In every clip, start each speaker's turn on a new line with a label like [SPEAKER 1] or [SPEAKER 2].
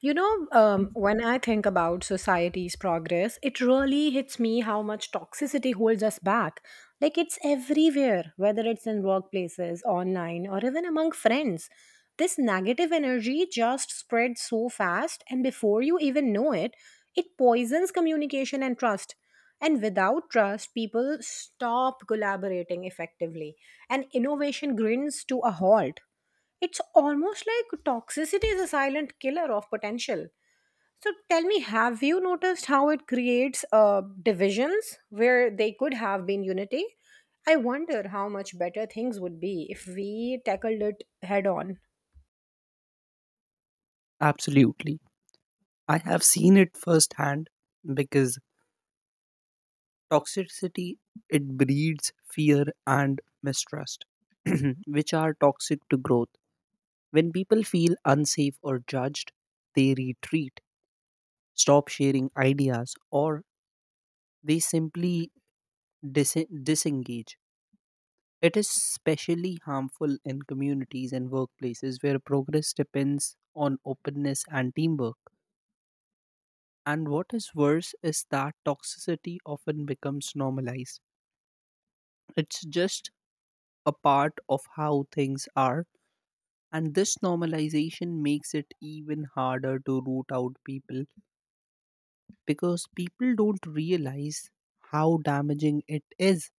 [SPEAKER 1] When I think about society's progress, it really hits me how much toxicity holds us back. Like, it's everywhere, whether it's in workplaces, online, or even among friends. This negative energy just spreads so fast, and before you even know it, it poisons communication and trust. And without trust, people stop collaborating effectively, and innovation grins to a halt. It's almost like toxicity is a silent killer of potential. So tell me, have you noticed how it creates divisions where they could have been unity? I wonder how much better things would be if we tackled it head on.
[SPEAKER 2] Absolutely. I have seen it firsthand because toxicity it breeds fear and mistrust which are toxic to growth. When people feel unsafe or judged, they retreat, stop sharing ideas, or they simply disengage. It is especially harmful in communities and workplaces where progress depends on openness and teamwork. And what is worse is that toxicity often becomes normalized. It's just a part of how things are. And this normalization makes it even harder to root out people because people don't realize how damaging it is.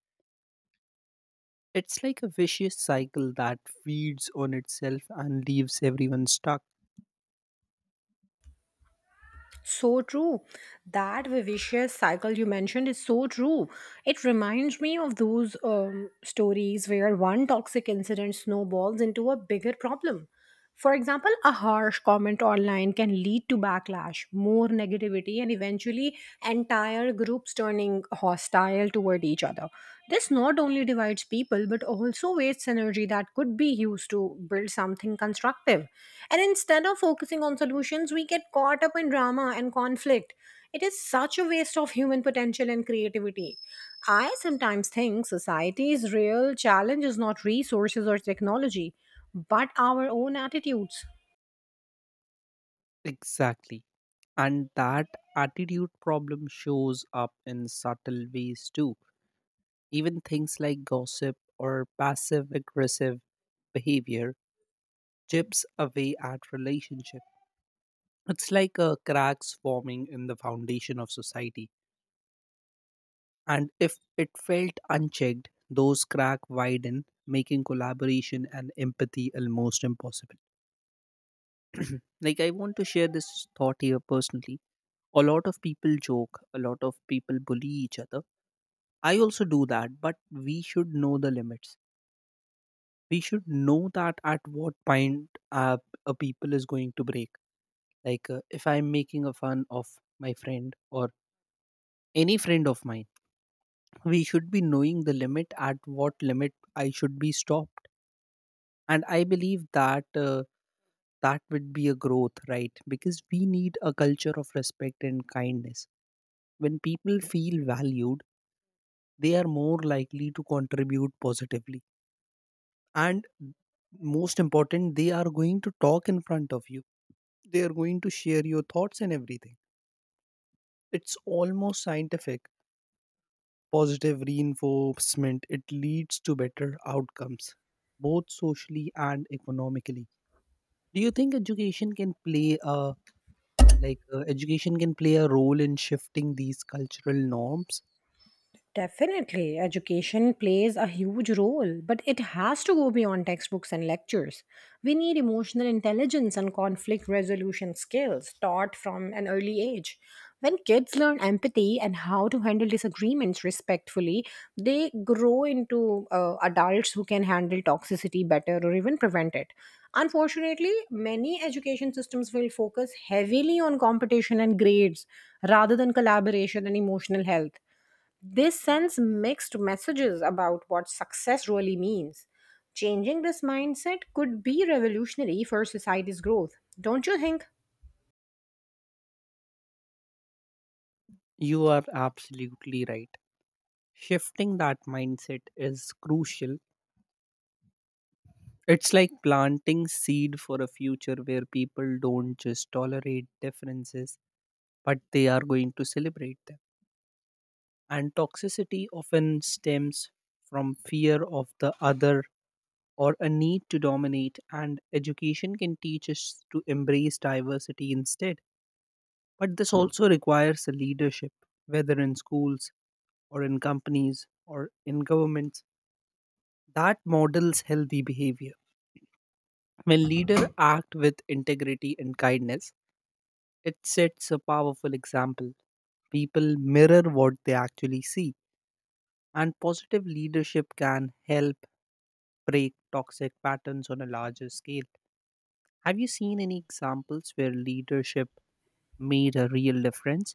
[SPEAKER 2] It's like a vicious cycle that feeds on itself and leaves everyone stuck.
[SPEAKER 1] So true. That vicious cycle you mentioned is so true. It reminds me of those stories where one toxic incident snowballs into a bigger problem. For example, a harsh comment online can lead to backlash, more negativity, and eventually entire groups turning hostile toward each other. This not only divides people but also wastes energy that could be used to build something constructive. And instead of focusing on solutions, we get caught up in drama and conflict. It is such a waste of human potential and creativity. I sometimes think society's real challenge is not resources or technology, but our own attitudes.
[SPEAKER 2] Exactly. And that attitude problem shows up in subtle ways too. Even things like gossip or passive aggressive behavior chips away at relationship. It's like a cracks forming in the foundation of society. And if it felt unchecked, those crack widen, making collaboration and empathy almost impossible. Like I want to share this thought here personally. A lot of people joke, a lot of people bully each other. I also do that, but we should know the limits, we should know that at what point a people is going to break, like if I'm making a fun of my friend or any friend of mine, we should be knowing the limit at what limit I should be stopped. And I believe that that would be a growth, right? Because we need a culture of respect and kindness. When people feel valued, they are more likely to contribute positively, and most important, they are going to talk in front of you. They are going to share your thoughts and everything. It's almost scientific. Positive reinforcement, it leads to better outcomes, both socially and economically. Do you think education can play a, education can play a role in shifting these cultural norms?
[SPEAKER 1] Definitely, education plays a huge role, but it has to go beyond textbooks and lectures. We need emotional intelligence and conflict resolution skills taught from an early age. When kids learn empathy and how to handle disagreements respectfully, they grow into adults who can handle toxicity better or even prevent it. Unfortunately, many education systems will focus heavily on competition and grades rather than collaboration and emotional health. They sends mixed messages about what success really means. Changing this mindset could be revolutionary for society's growth, don't you think?
[SPEAKER 2] You are absolutely right. Shifting that mindset is crucial. It's like planting seed for a future where people don't just tolerate differences, but they are going to celebrate them. And toxicity often stems from fear of the other or a need to dominate, and education can teach us to embrace diversity instead. But this also requires a leadership, whether in schools or in companies or in governments, that models healthy behavior. When leaders act with integrity and kindness, it sets a powerful example. People mirror what they actually see, and positive leadership can help break toxic patterns on a larger scale. Have you seen any examples where leadership made a real difference?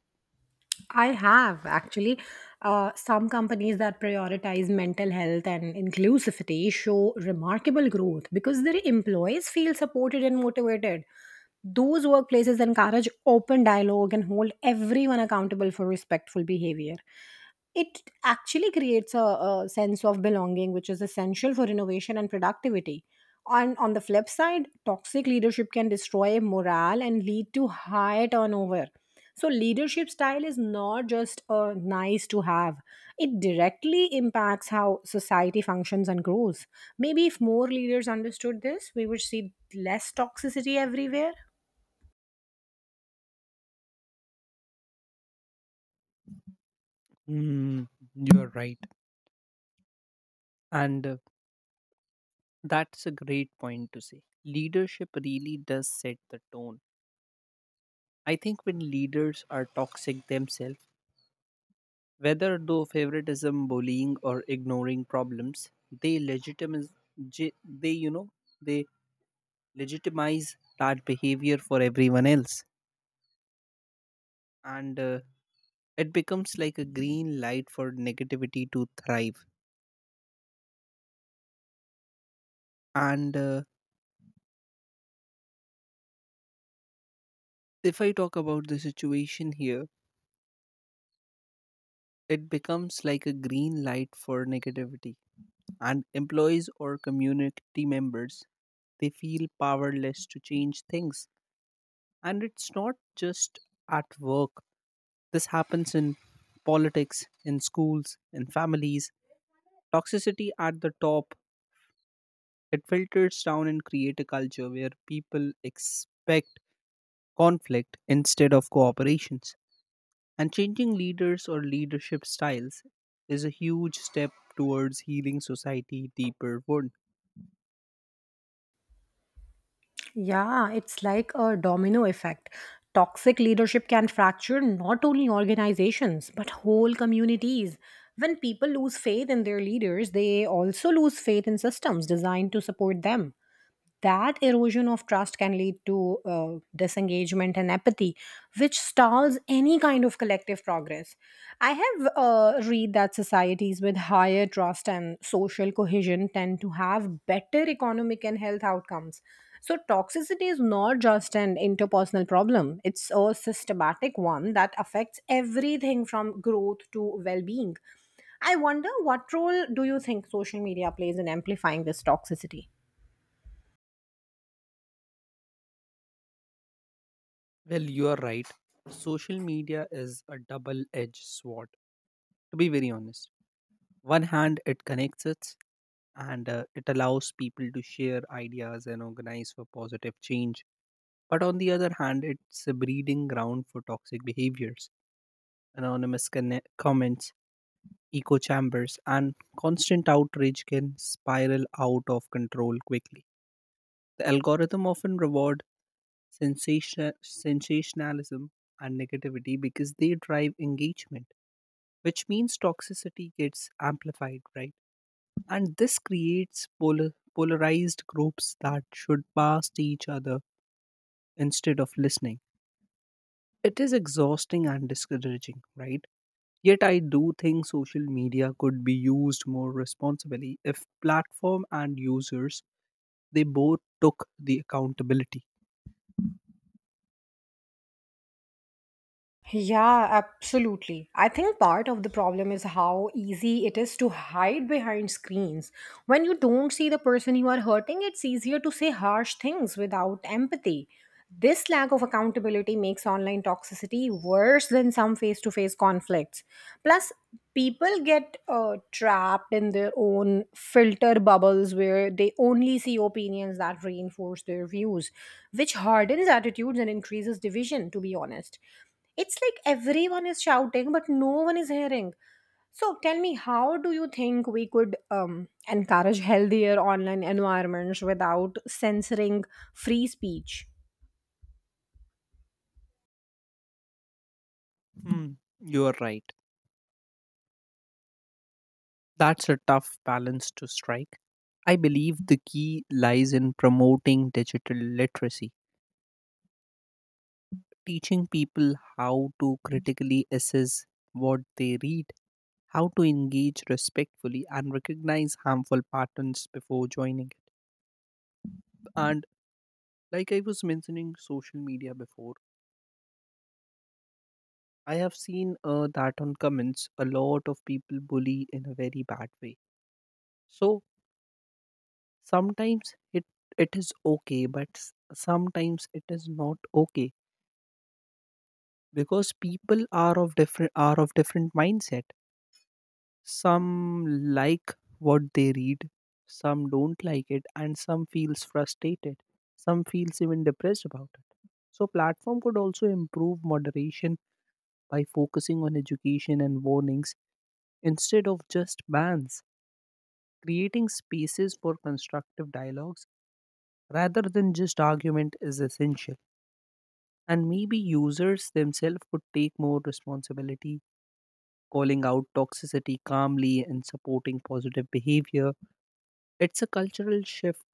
[SPEAKER 1] I have actually. Some companies that prioritize mental health and inclusivity show remarkable growth because their employees feel supported and motivated. Those workplaces encourage open dialogue and hold everyone accountable for respectful behavior. It actually creates a sense of belonging, which is essential for innovation and productivity. And on the flip side, toxic leadership can destroy morale and lead to high turnover. So, leadership style is not just a nice to have, it directly impacts how society functions and grows. Maybe if more leaders understood this, we would see less toxicity everywhere.
[SPEAKER 2] Mm, you're right. And that's a great point to say. Leadership really does set the tone. I think when leaders are toxic themselves, whether through favoritism, bullying, or ignoring problems, they legitimize, je- they you know they legitimize that behavior for everyone else, and it becomes like a green light for negativity to thrive. And if I talk about the situation here, it becomes like a green light for negativity, and employees or community members, they feel powerless to change things. And it's not just at work. This happens in politics, in schools, in families. Toxicity at the top, it filters down and create a culture where people expect conflict instead of cooperations. And changing leaders or leadership styles is a huge step towards healing society deeper wound.
[SPEAKER 1] Yeah, it's like a domino effect. Toxic leadership can fracture not only organizations, but whole communities. When people lose faith in their leaders, they also lose faith in systems designed to support them. That erosion of trust can lead to disengagement and apathy, which stalls any kind of collective progress. I have read that societies with higher trust and social cohesion tend to have better economic and health outcomes. So toxicity is not just an interpersonal problem, it's a systematic one that affects everything from growth to well-being. I wonder, what role do you think social media plays in amplifying this toxicity?
[SPEAKER 2] Well, you are right. Social media is a double-edged sword, to be very honest. One hand, it connects us, and it allows people to share ideas and organize for positive change. But on the other hand, it's a breeding ground for toxic behaviors. Anonymous comments, echo chambers, and constant outrage can spiral out of control quickly. The algorithm often reward sensationalism and negativity because they drive engagement, which means toxicity gets amplified, right? And this creates polarized groups that should past each other instead of listening. It is exhausting and discouraging, right? Yet I do think social media could be used more responsibly if platform and users, they both took the accountability.
[SPEAKER 1] Yeah, absolutely. I think part of the problem is how easy it is to hide behind screens. When you don't see the person you are hurting, it's easier to say harsh things without empathy. This lack of accountability makes online toxicity worse than some face to face conflicts. Plus, people get trapped in their own filter bubbles where they only see opinions that reinforce their views, which hardens attitudes and increases division, to be honest. It's like everyone is shouting, but no one is hearing. So tell me, how do you think we could encourage healthier online environments without censoring free speech?
[SPEAKER 2] Hmm, you are right. That's a tough balance to strike. I believe the key lies in promoting digital literacy, teaching people how to critically assess what they read, how to engage respectfully, and recognize harmful patterns before joining it. And like I was mentioning social media before, I have seen that on comments a lot of people bully in a very bad way. So sometimes it it is okay, but sometimes it is not okay because people are of different mindset. Some like what they read, some don't like it, and some feels frustrated. Some feels even depressed about it. So platform could also improve moderation by focusing on education and warnings instead of just bans. Creating spaces for constructive dialogues rather than just argument is essential. And maybe users themselves could take more responsibility, calling out toxicity calmly and supporting positive behavior. It's a cultural shift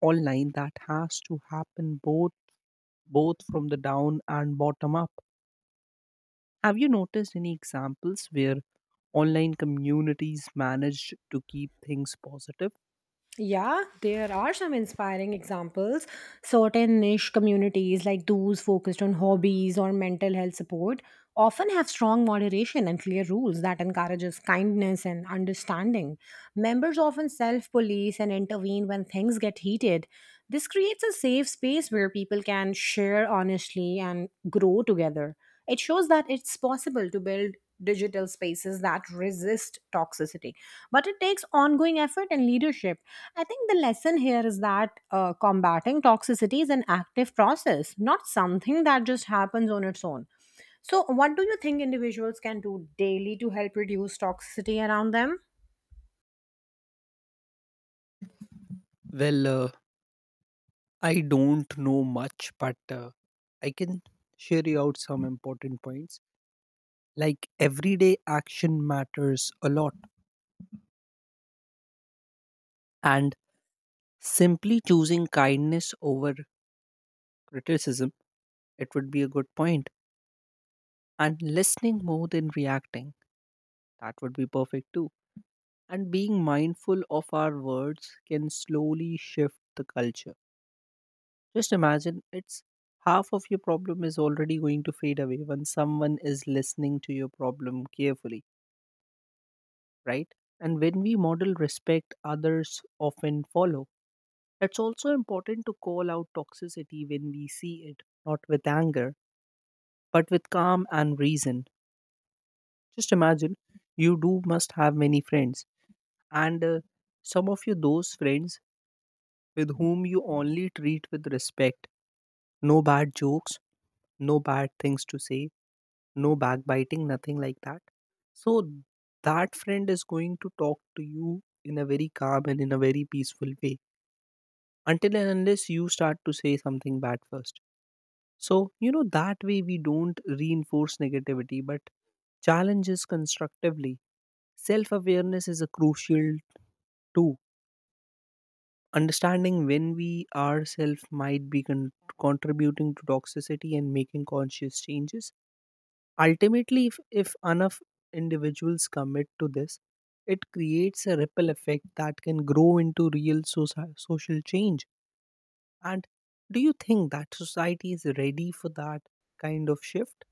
[SPEAKER 2] online that has to happen both from the down and bottom up. Have you noticed any examples where online communities managed to keep things positive?
[SPEAKER 1] Yeah, there are some inspiring examples. Certain niche communities, like those focused on hobbies or mental health support, often have strong moderation and clear rules that encourages kindness and understanding. Members often self-police and intervene when things get heated. This creates a safe space where people can share honestly and grow together. It shows that it's possible to build digital spaces that resist toxicity, but it takes ongoing effort and leadership. I think the lesson here is that combating toxicity is an active process, not something that just happens on its own. So, what do you think individuals can do daily to help reduce toxicity around them?
[SPEAKER 2] Well, I don't know much, but I can share you out some important points. Like everyday action matters a lot, and simply choosing kindness over criticism, it would be a good point, and listening more than reacting. That would be perfect too. And being mindful of our words can slowly shift the culture. Just imagine, it's half of your problem is already going to fade away when someone is listening to your problem carefully, right? And when we model respect, others often follow. It's also important to call out toxicity when we see it, not with anger, but with calm and reason. Just imagine, you do must have many friends, and some of you those friends with whom you only treat with respect, no bad jokes, no bad things to say, no backbiting, nothing like that. So that friend is going to talk to you in a very calm and in a very peaceful way, until and unless you start to say something bad first. So, you know, that way we don't reinforce negativity but challenges constructively. Self awareness is a crucial tool. Understanding when we ourselves might be contributing to toxicity and making conscious changes. Ultimately, if enough individuals commit to this, it creates a ripple effect that can grow into real social change. And do you think that society is ready for that kind of shift?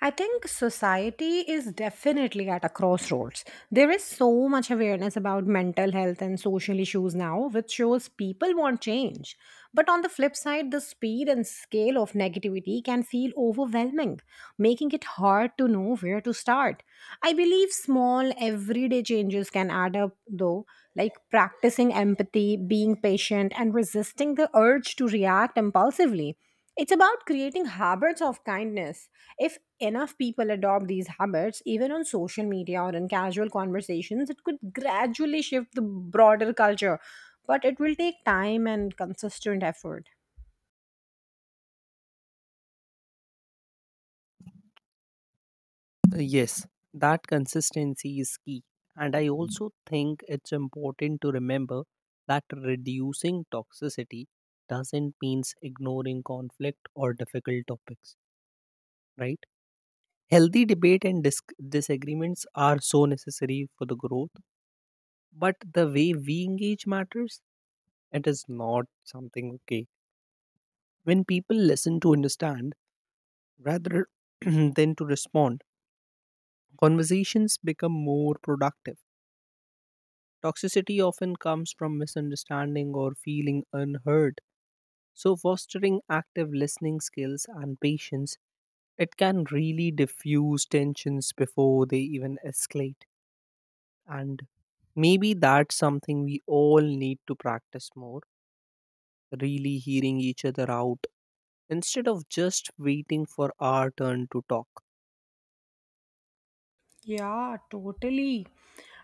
[SPEAKER 1] I think society is definitely at a crossroads. There is so much awareness about mental health and social issues now, which shows people want change. But on the flip side, the speed and scale of negativity can feel overwhelming, making it hard to know where to start. I believe small, everyday changes can add up, though, like practicing empathy, being patient, and resisting the urge to react impulsively. It's about creating habits of kindness. If enough people adopt these habits, even on social media or in casual conversations, it could gradually shift the broader culture. But it will take time and consistent effort.
[SPEAKER 2] Yes, that consistency is key. And I also think it's important to remember that reducing toxicity doesn't mean ignoring conflict or difficult topics, right? Healthy debate and disagreements are so necessary for the growth, but the way we engage matters. It is not something okay. When people listen to understand rather than to respond, conversations become more productive. Toxicity often comes from misunderstanding or feeling unheard. So, fostering active listening skills and patience, it can really diffuse tensions before they even escalate. And maybe that's something we all need to practice more, really hearing each other out instead of just waiting for our turn to talk.
[SPEAKER 1] Yeah, totally.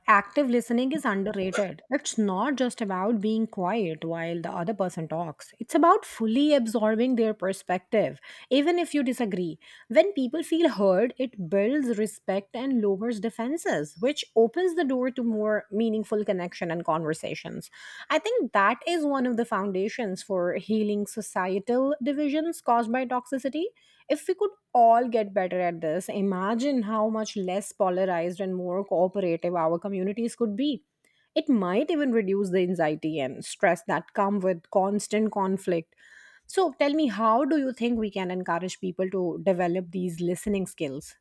[SPEAKER 1] Active listening is underrated. It's not just about being quiet while the other person talks, it's about fully absorbing their perspective, even if you disagree. When people feel heard, it builds respect and lowers defenses, which opens the door to more meaningful connection and conversations. I think that is one of the foundations for healing societal divisions caused by toxicity. If we could all get better at this, imagine how much less polarized and more cooperative our communities could be. It might even reduce the anxiety and stress that come with constant conflict. So, tell me, how do you think we can encourage people to develop these listening skills?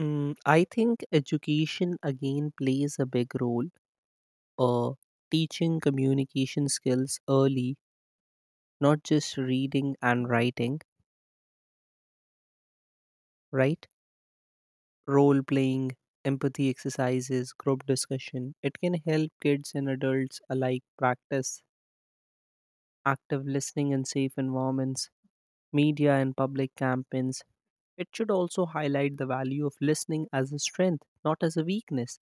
[SPEAKER 2] Mm, I think education again plays a big role. Uh, Teaching communication skills early, not just reading and writing, right? Role playing, empathy exercises, group discussion. It can help kids and adults alike practice active listening in safe environments, media and public campaigns. It should also highlight the value of listening as a strength, not as a weakness.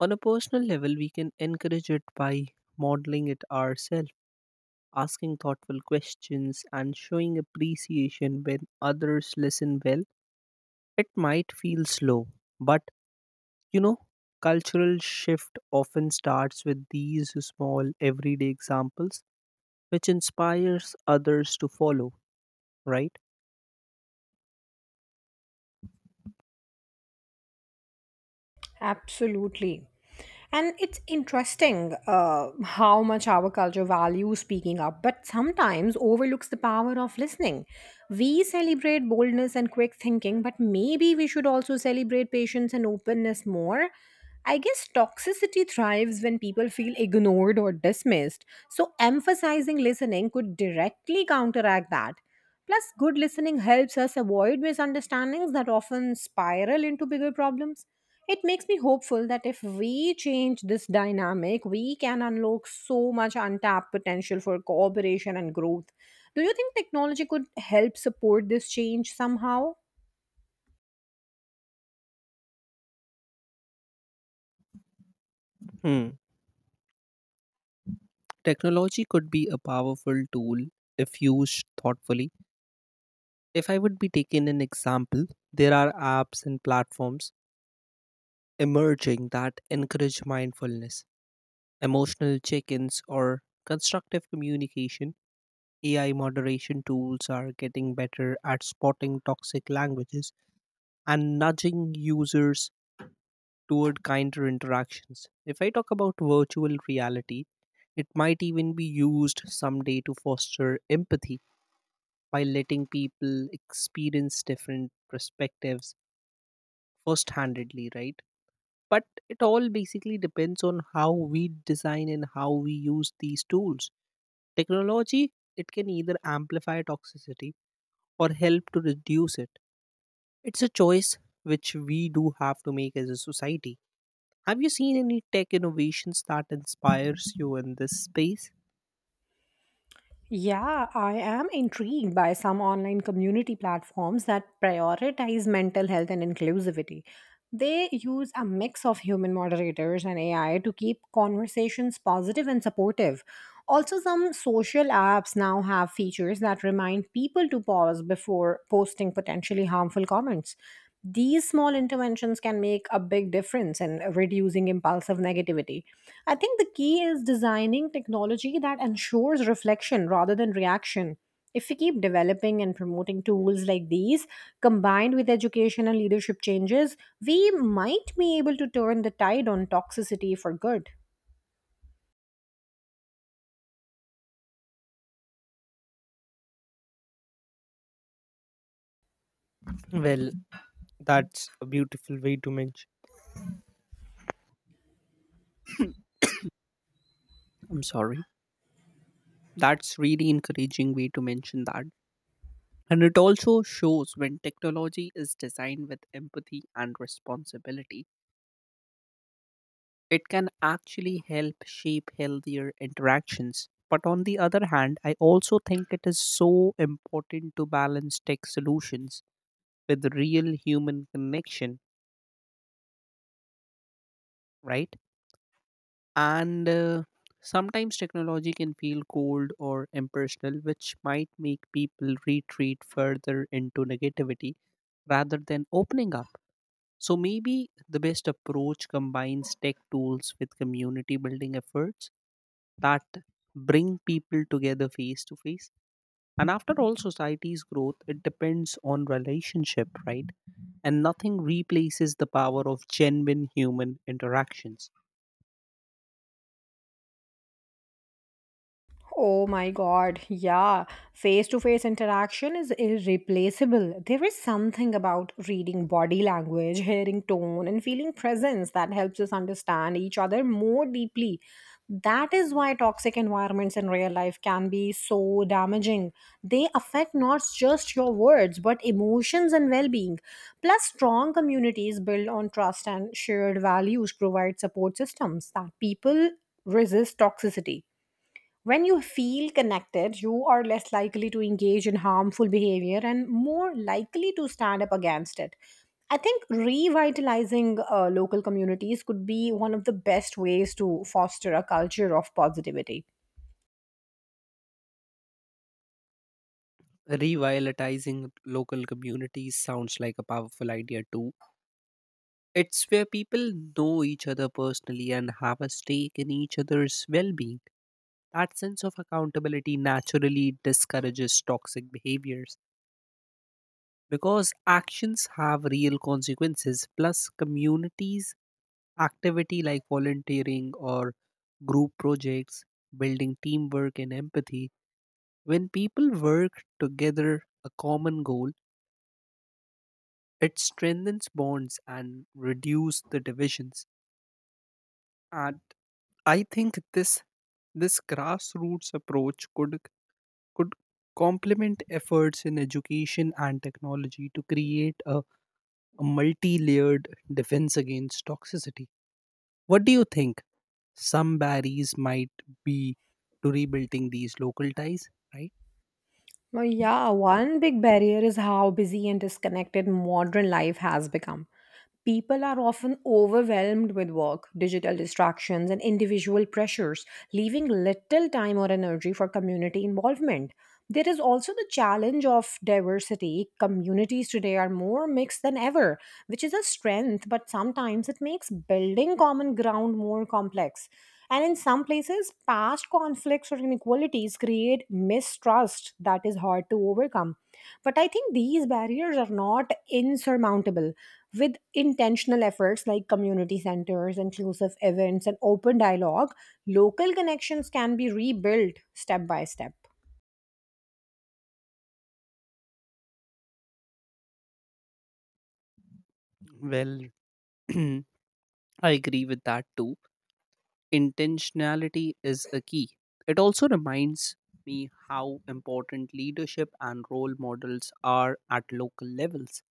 [SPEAKER 2] On a personal level, we can encourage it by modeling it ourselves, asking thoughtful questions, and showing appreciation when others listen well. It might feel slow, but, you know, cultural shift often starts with these small everyday examples which inspires others to follow, right?
[SPEAKER 1] Absolutely. And it's interesting how much our culture values speaking up, but sometimes overlooks the power of listening. We celebrate boldness and quick thinking, but maybe we should also celebrate patience and openness more. I guess toxicity thrives when people feel ignored or dismissed, so emphasizing listening could directly counteract that. Plus, good listening helps us avoid misunderstandings that often spiral into bigger problems. It makes me hopeful that if we change this dynamic, we can unlock so much untapped potential for cooperation and growth. Do you think technology could help support this change somehow?
[SPEAKER 2] Hmm. Technology could be a powerful tool if used thoughtfully. If I would be taking an example, there are apps and platforms emerging that encourage mindfulness, emotional check ins, or constructive communication. AI moderation tools are getting better at spotting toxic languages and nudging users toward kinder interactions. If I talk about virtual reality, it might even be used someday to foster empathy by letting people experience different perspectives first-handedly, right? But it all basically depends on how we design and how we use these tools. Technology, it can either amplify toxicity or help to reduce it. It's a choice which we do have to make as a society. Have you seen any tech innovations that inspires you in this space?
[SPEAKER 1] Yeah, I am intrigued by some online community platforms that prioritize mental health and inclusivity. They use a mix of human moderators and AI to keep conversations positive and supportive. Also, some social apps now have features that remind people to pause before posting potentially harmful comments. These small interventions can make a big difference in reducing impulsive negativity. I think the key is designing technology that ensures reflection rather than reaction. If we keep developing and promoting tools like these, combined with education and leadership changes, we might be able to turn the tide on toxicity for good.
[SPEAKER 2] Well, that's a beautiful way to mention. I'm sorry. That's really encouraging way to mention that. And it also shows when technology is designed with empathy and responsibility. It can actually help shape healthier interactions. But on the other hand, I also think it is so important to balance tech solutions with real human connection, right? And sometimes technology can feel cold or impersonal, which might make people retreat further into negativity rather than opening up. So maybe the best approach combines tech tools with community building efforts that bring people together face to face. And after all, society's growth, it depends on relationship, right? And nothing replaces the power of genuine human interactions.
[SPEAKER 1] Oh my god, yeah. Face to face interaction is irreplaceable. There is something about reading body language, hearing tone, and feeling presence that helps us understand each other more deeply. That is why toxic environments in real life can be so damaging. They affect not just your words, but emotions and well being. Plus, strong communities built on trust and shared values provide support systems that people resist toxicity. When you feel connected, you are less likely to engage in harmful behavior and more likely to stand up against it. I think revitalizing local communities could be one of the best ways to foster a culture of positivity.
[SPEAKER 2] Revitalizing local communities sounds like a powerful idea too. It's where people know each other personally and have a stake in each other's well being. That sense of accountability naturally discourages toxic behaviors, because actions have real consequences. Plus communities activity like volunteering or group projects, building teamwork and empathy, when people work together a common goal, it strengthens bonds and reduce the divisions. And I think this grassroots approach could complement efforts in education and technology to create a multi layered defense against toxicity. What do you think some barriers might be to rebuilding these local ties, right?
[SPEAKER 1] Well, yeah, one big barrier is how busy and disconnected modern life has become. People are often overwhelmed with work, digital distractions, and individual pressures, leaving little time or energy for community involvement. There is also the challenge of diversity. Communities today are more mixed than ever, which is a strength, but sometimes it makes building common ground more complex. And in some places, past conflicts or inequalities create mistrust that is hard to overcome. But I think these barriers are not insurmountable. With intentional efforts like community centers, inclusive events, and open dialogue, local connections can be rebuilt step by step.
[SPEAKER 2] Well, I agree with that too. Intentionality is a key. It also reminds me how important leadership and role models are at local levels.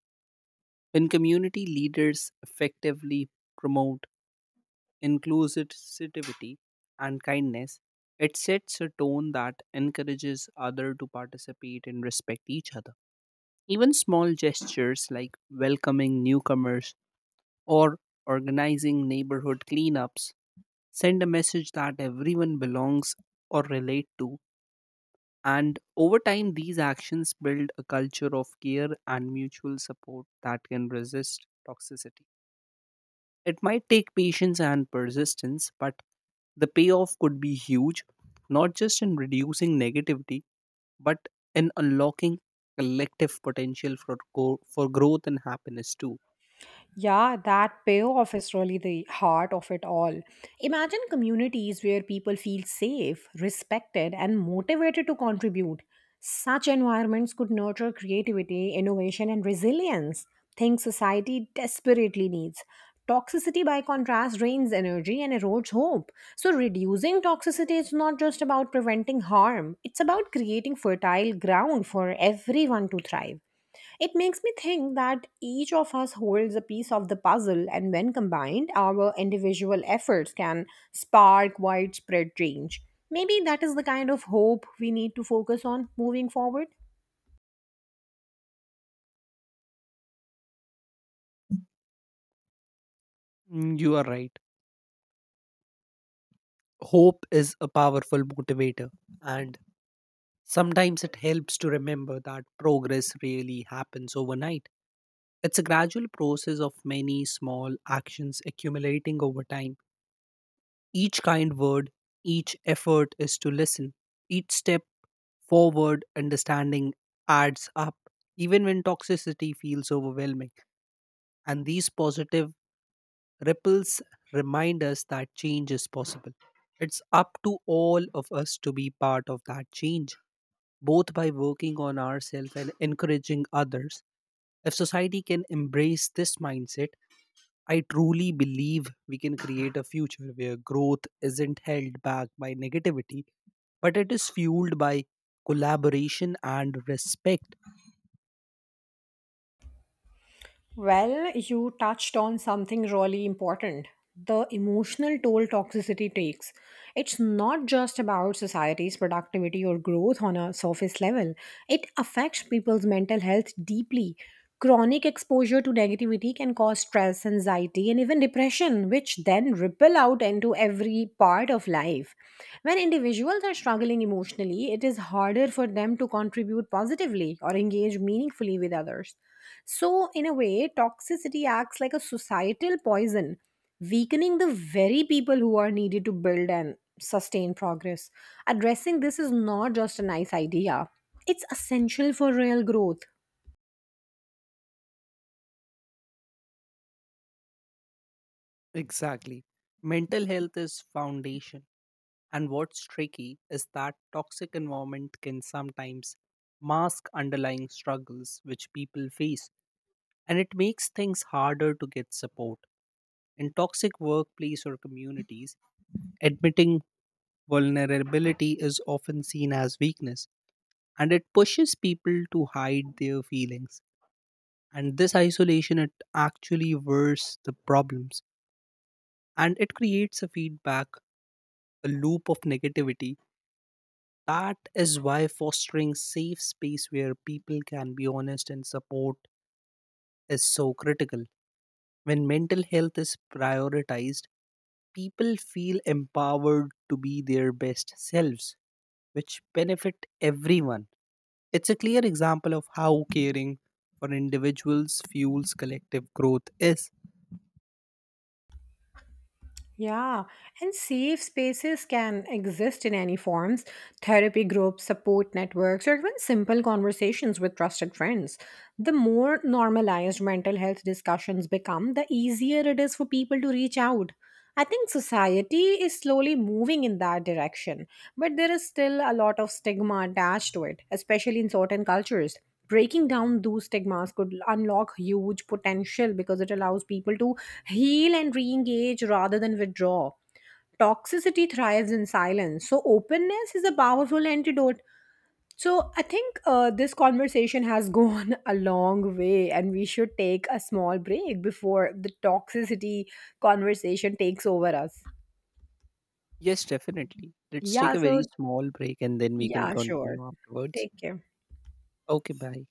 [SPEAKER 2] When community leaders effectively promote inclusivity and kindness, it sets a tone that encourages others to participate and respect each other. Even small gestures like welcoming newcomers or organizing neighborhood cleanups send a message that everyone belongs or relate to. And over time, these actions build a culture of care and mutual support that can resist toxicity. It might take patience and persistence, but the payoff could be huge, not just in reducing negativity, but in unlocking collective potential for, for growth and happiness too.
[SPEAKER 1] Yeah, that payoff is really the heart of it all. Imagine communities where people feel safe, respected, and motivated to contribute. Such environments could nurture creativity, innovation, and resilience, things society desperately needs. Toxicity, by contrast, drains energy and erodes hope. So, reducing toxicity is not just about preventing harm, it's about creating fertile ground for everyone to thrive. It makes me think that each of us holds a piece of the puzzle, and when combined, our individual efforts can spark widespread change. Maybe that is the kind of hope we need to focus on moving forward.
[SPEAKER 2] Mm, you are right. Hope is a powerful motivator, and sometimes it helps to remember that progress really happens overnight. It's a gradual process of many small actions accumulating over time. Each kind word, each effort is to listen. Each step forward, understanding, adds up, even when toxicity feels overwhelming. And these positive ripples remind us that change is possible. It's up to all of us to be part of that change, both by working on ourselves and encouraging others. If society can embrace this mindset, I truly believe we can create a future where growth isn't held back by negativity, but it is fueled by collaboration and respect.
[SPEAKER 1] Well, you touched on something really important, the emotional toll toxicity takes. It's not just about society's productivity or growth on a surface level, it affects people's mental health deeply. Chronic exposure to negativity can cause stress, anxiety, and even depression, which then ripple out into every part of life. When individuals are struggling emotionally, it is harder for them to contribute positively or engage meaningfully with others. So, in a way, toxicity acts like a societal poison, weakening the very people who are needed to build and sustain progress. Addressing this is not just a nice idea, it's essential for real growth.
[SPEAKER 2] Exactly. Mental health is foundation. And what's tricky is that toxic environment can sometimes mask underlying struggles which people face, and it makes things harder to get support. In toxic workplace or communities, admitting vulnerability is often seen as weakness, and it pushes people to hide their feelings. And this isolation, it actually worse the problems, and it creates a feedback, a loop of negativity. That is why fostering safe space where people can be honest and support is so critical. When mental health is prioritized, people feel empowered to be their best selves which benefit everyone. It's a clear example of how caring for individuals fuels collective growth is.
[SPEAKER 1] Yeah, and safe spaces can exist in any forms: therapy groups, support networks, or even simple conversations with trusted friends. The more normalized mental health discussions become, the easier it is for people to reach out. I think society is slowly moving in that direction, but there is still a lot of stigma attached to it, especially in certain cultures. Breaking down those stigmas could unlock huge potential because it allows people to heal and re engage rather than withdraw. Toxicity thrives in silence, so openness is a powerful antidote. So I think this conversation has gone a long way, and we should take a small break before the toxicity conversation takes over us.
[SPEAKER 2] Yes, definitely. Let's take
[SPEAKER 1] Yeah,
[SPEAKER 2] a very
[SPEAKER 1] so,
[SPEAKER 2] small break and then we can
[SPEAKER 1] yeah, sure,
[SPEAKER 2] continue afterwards.
[SPEAKER 1] take care.
[SPEAKER 2] Okay, bye.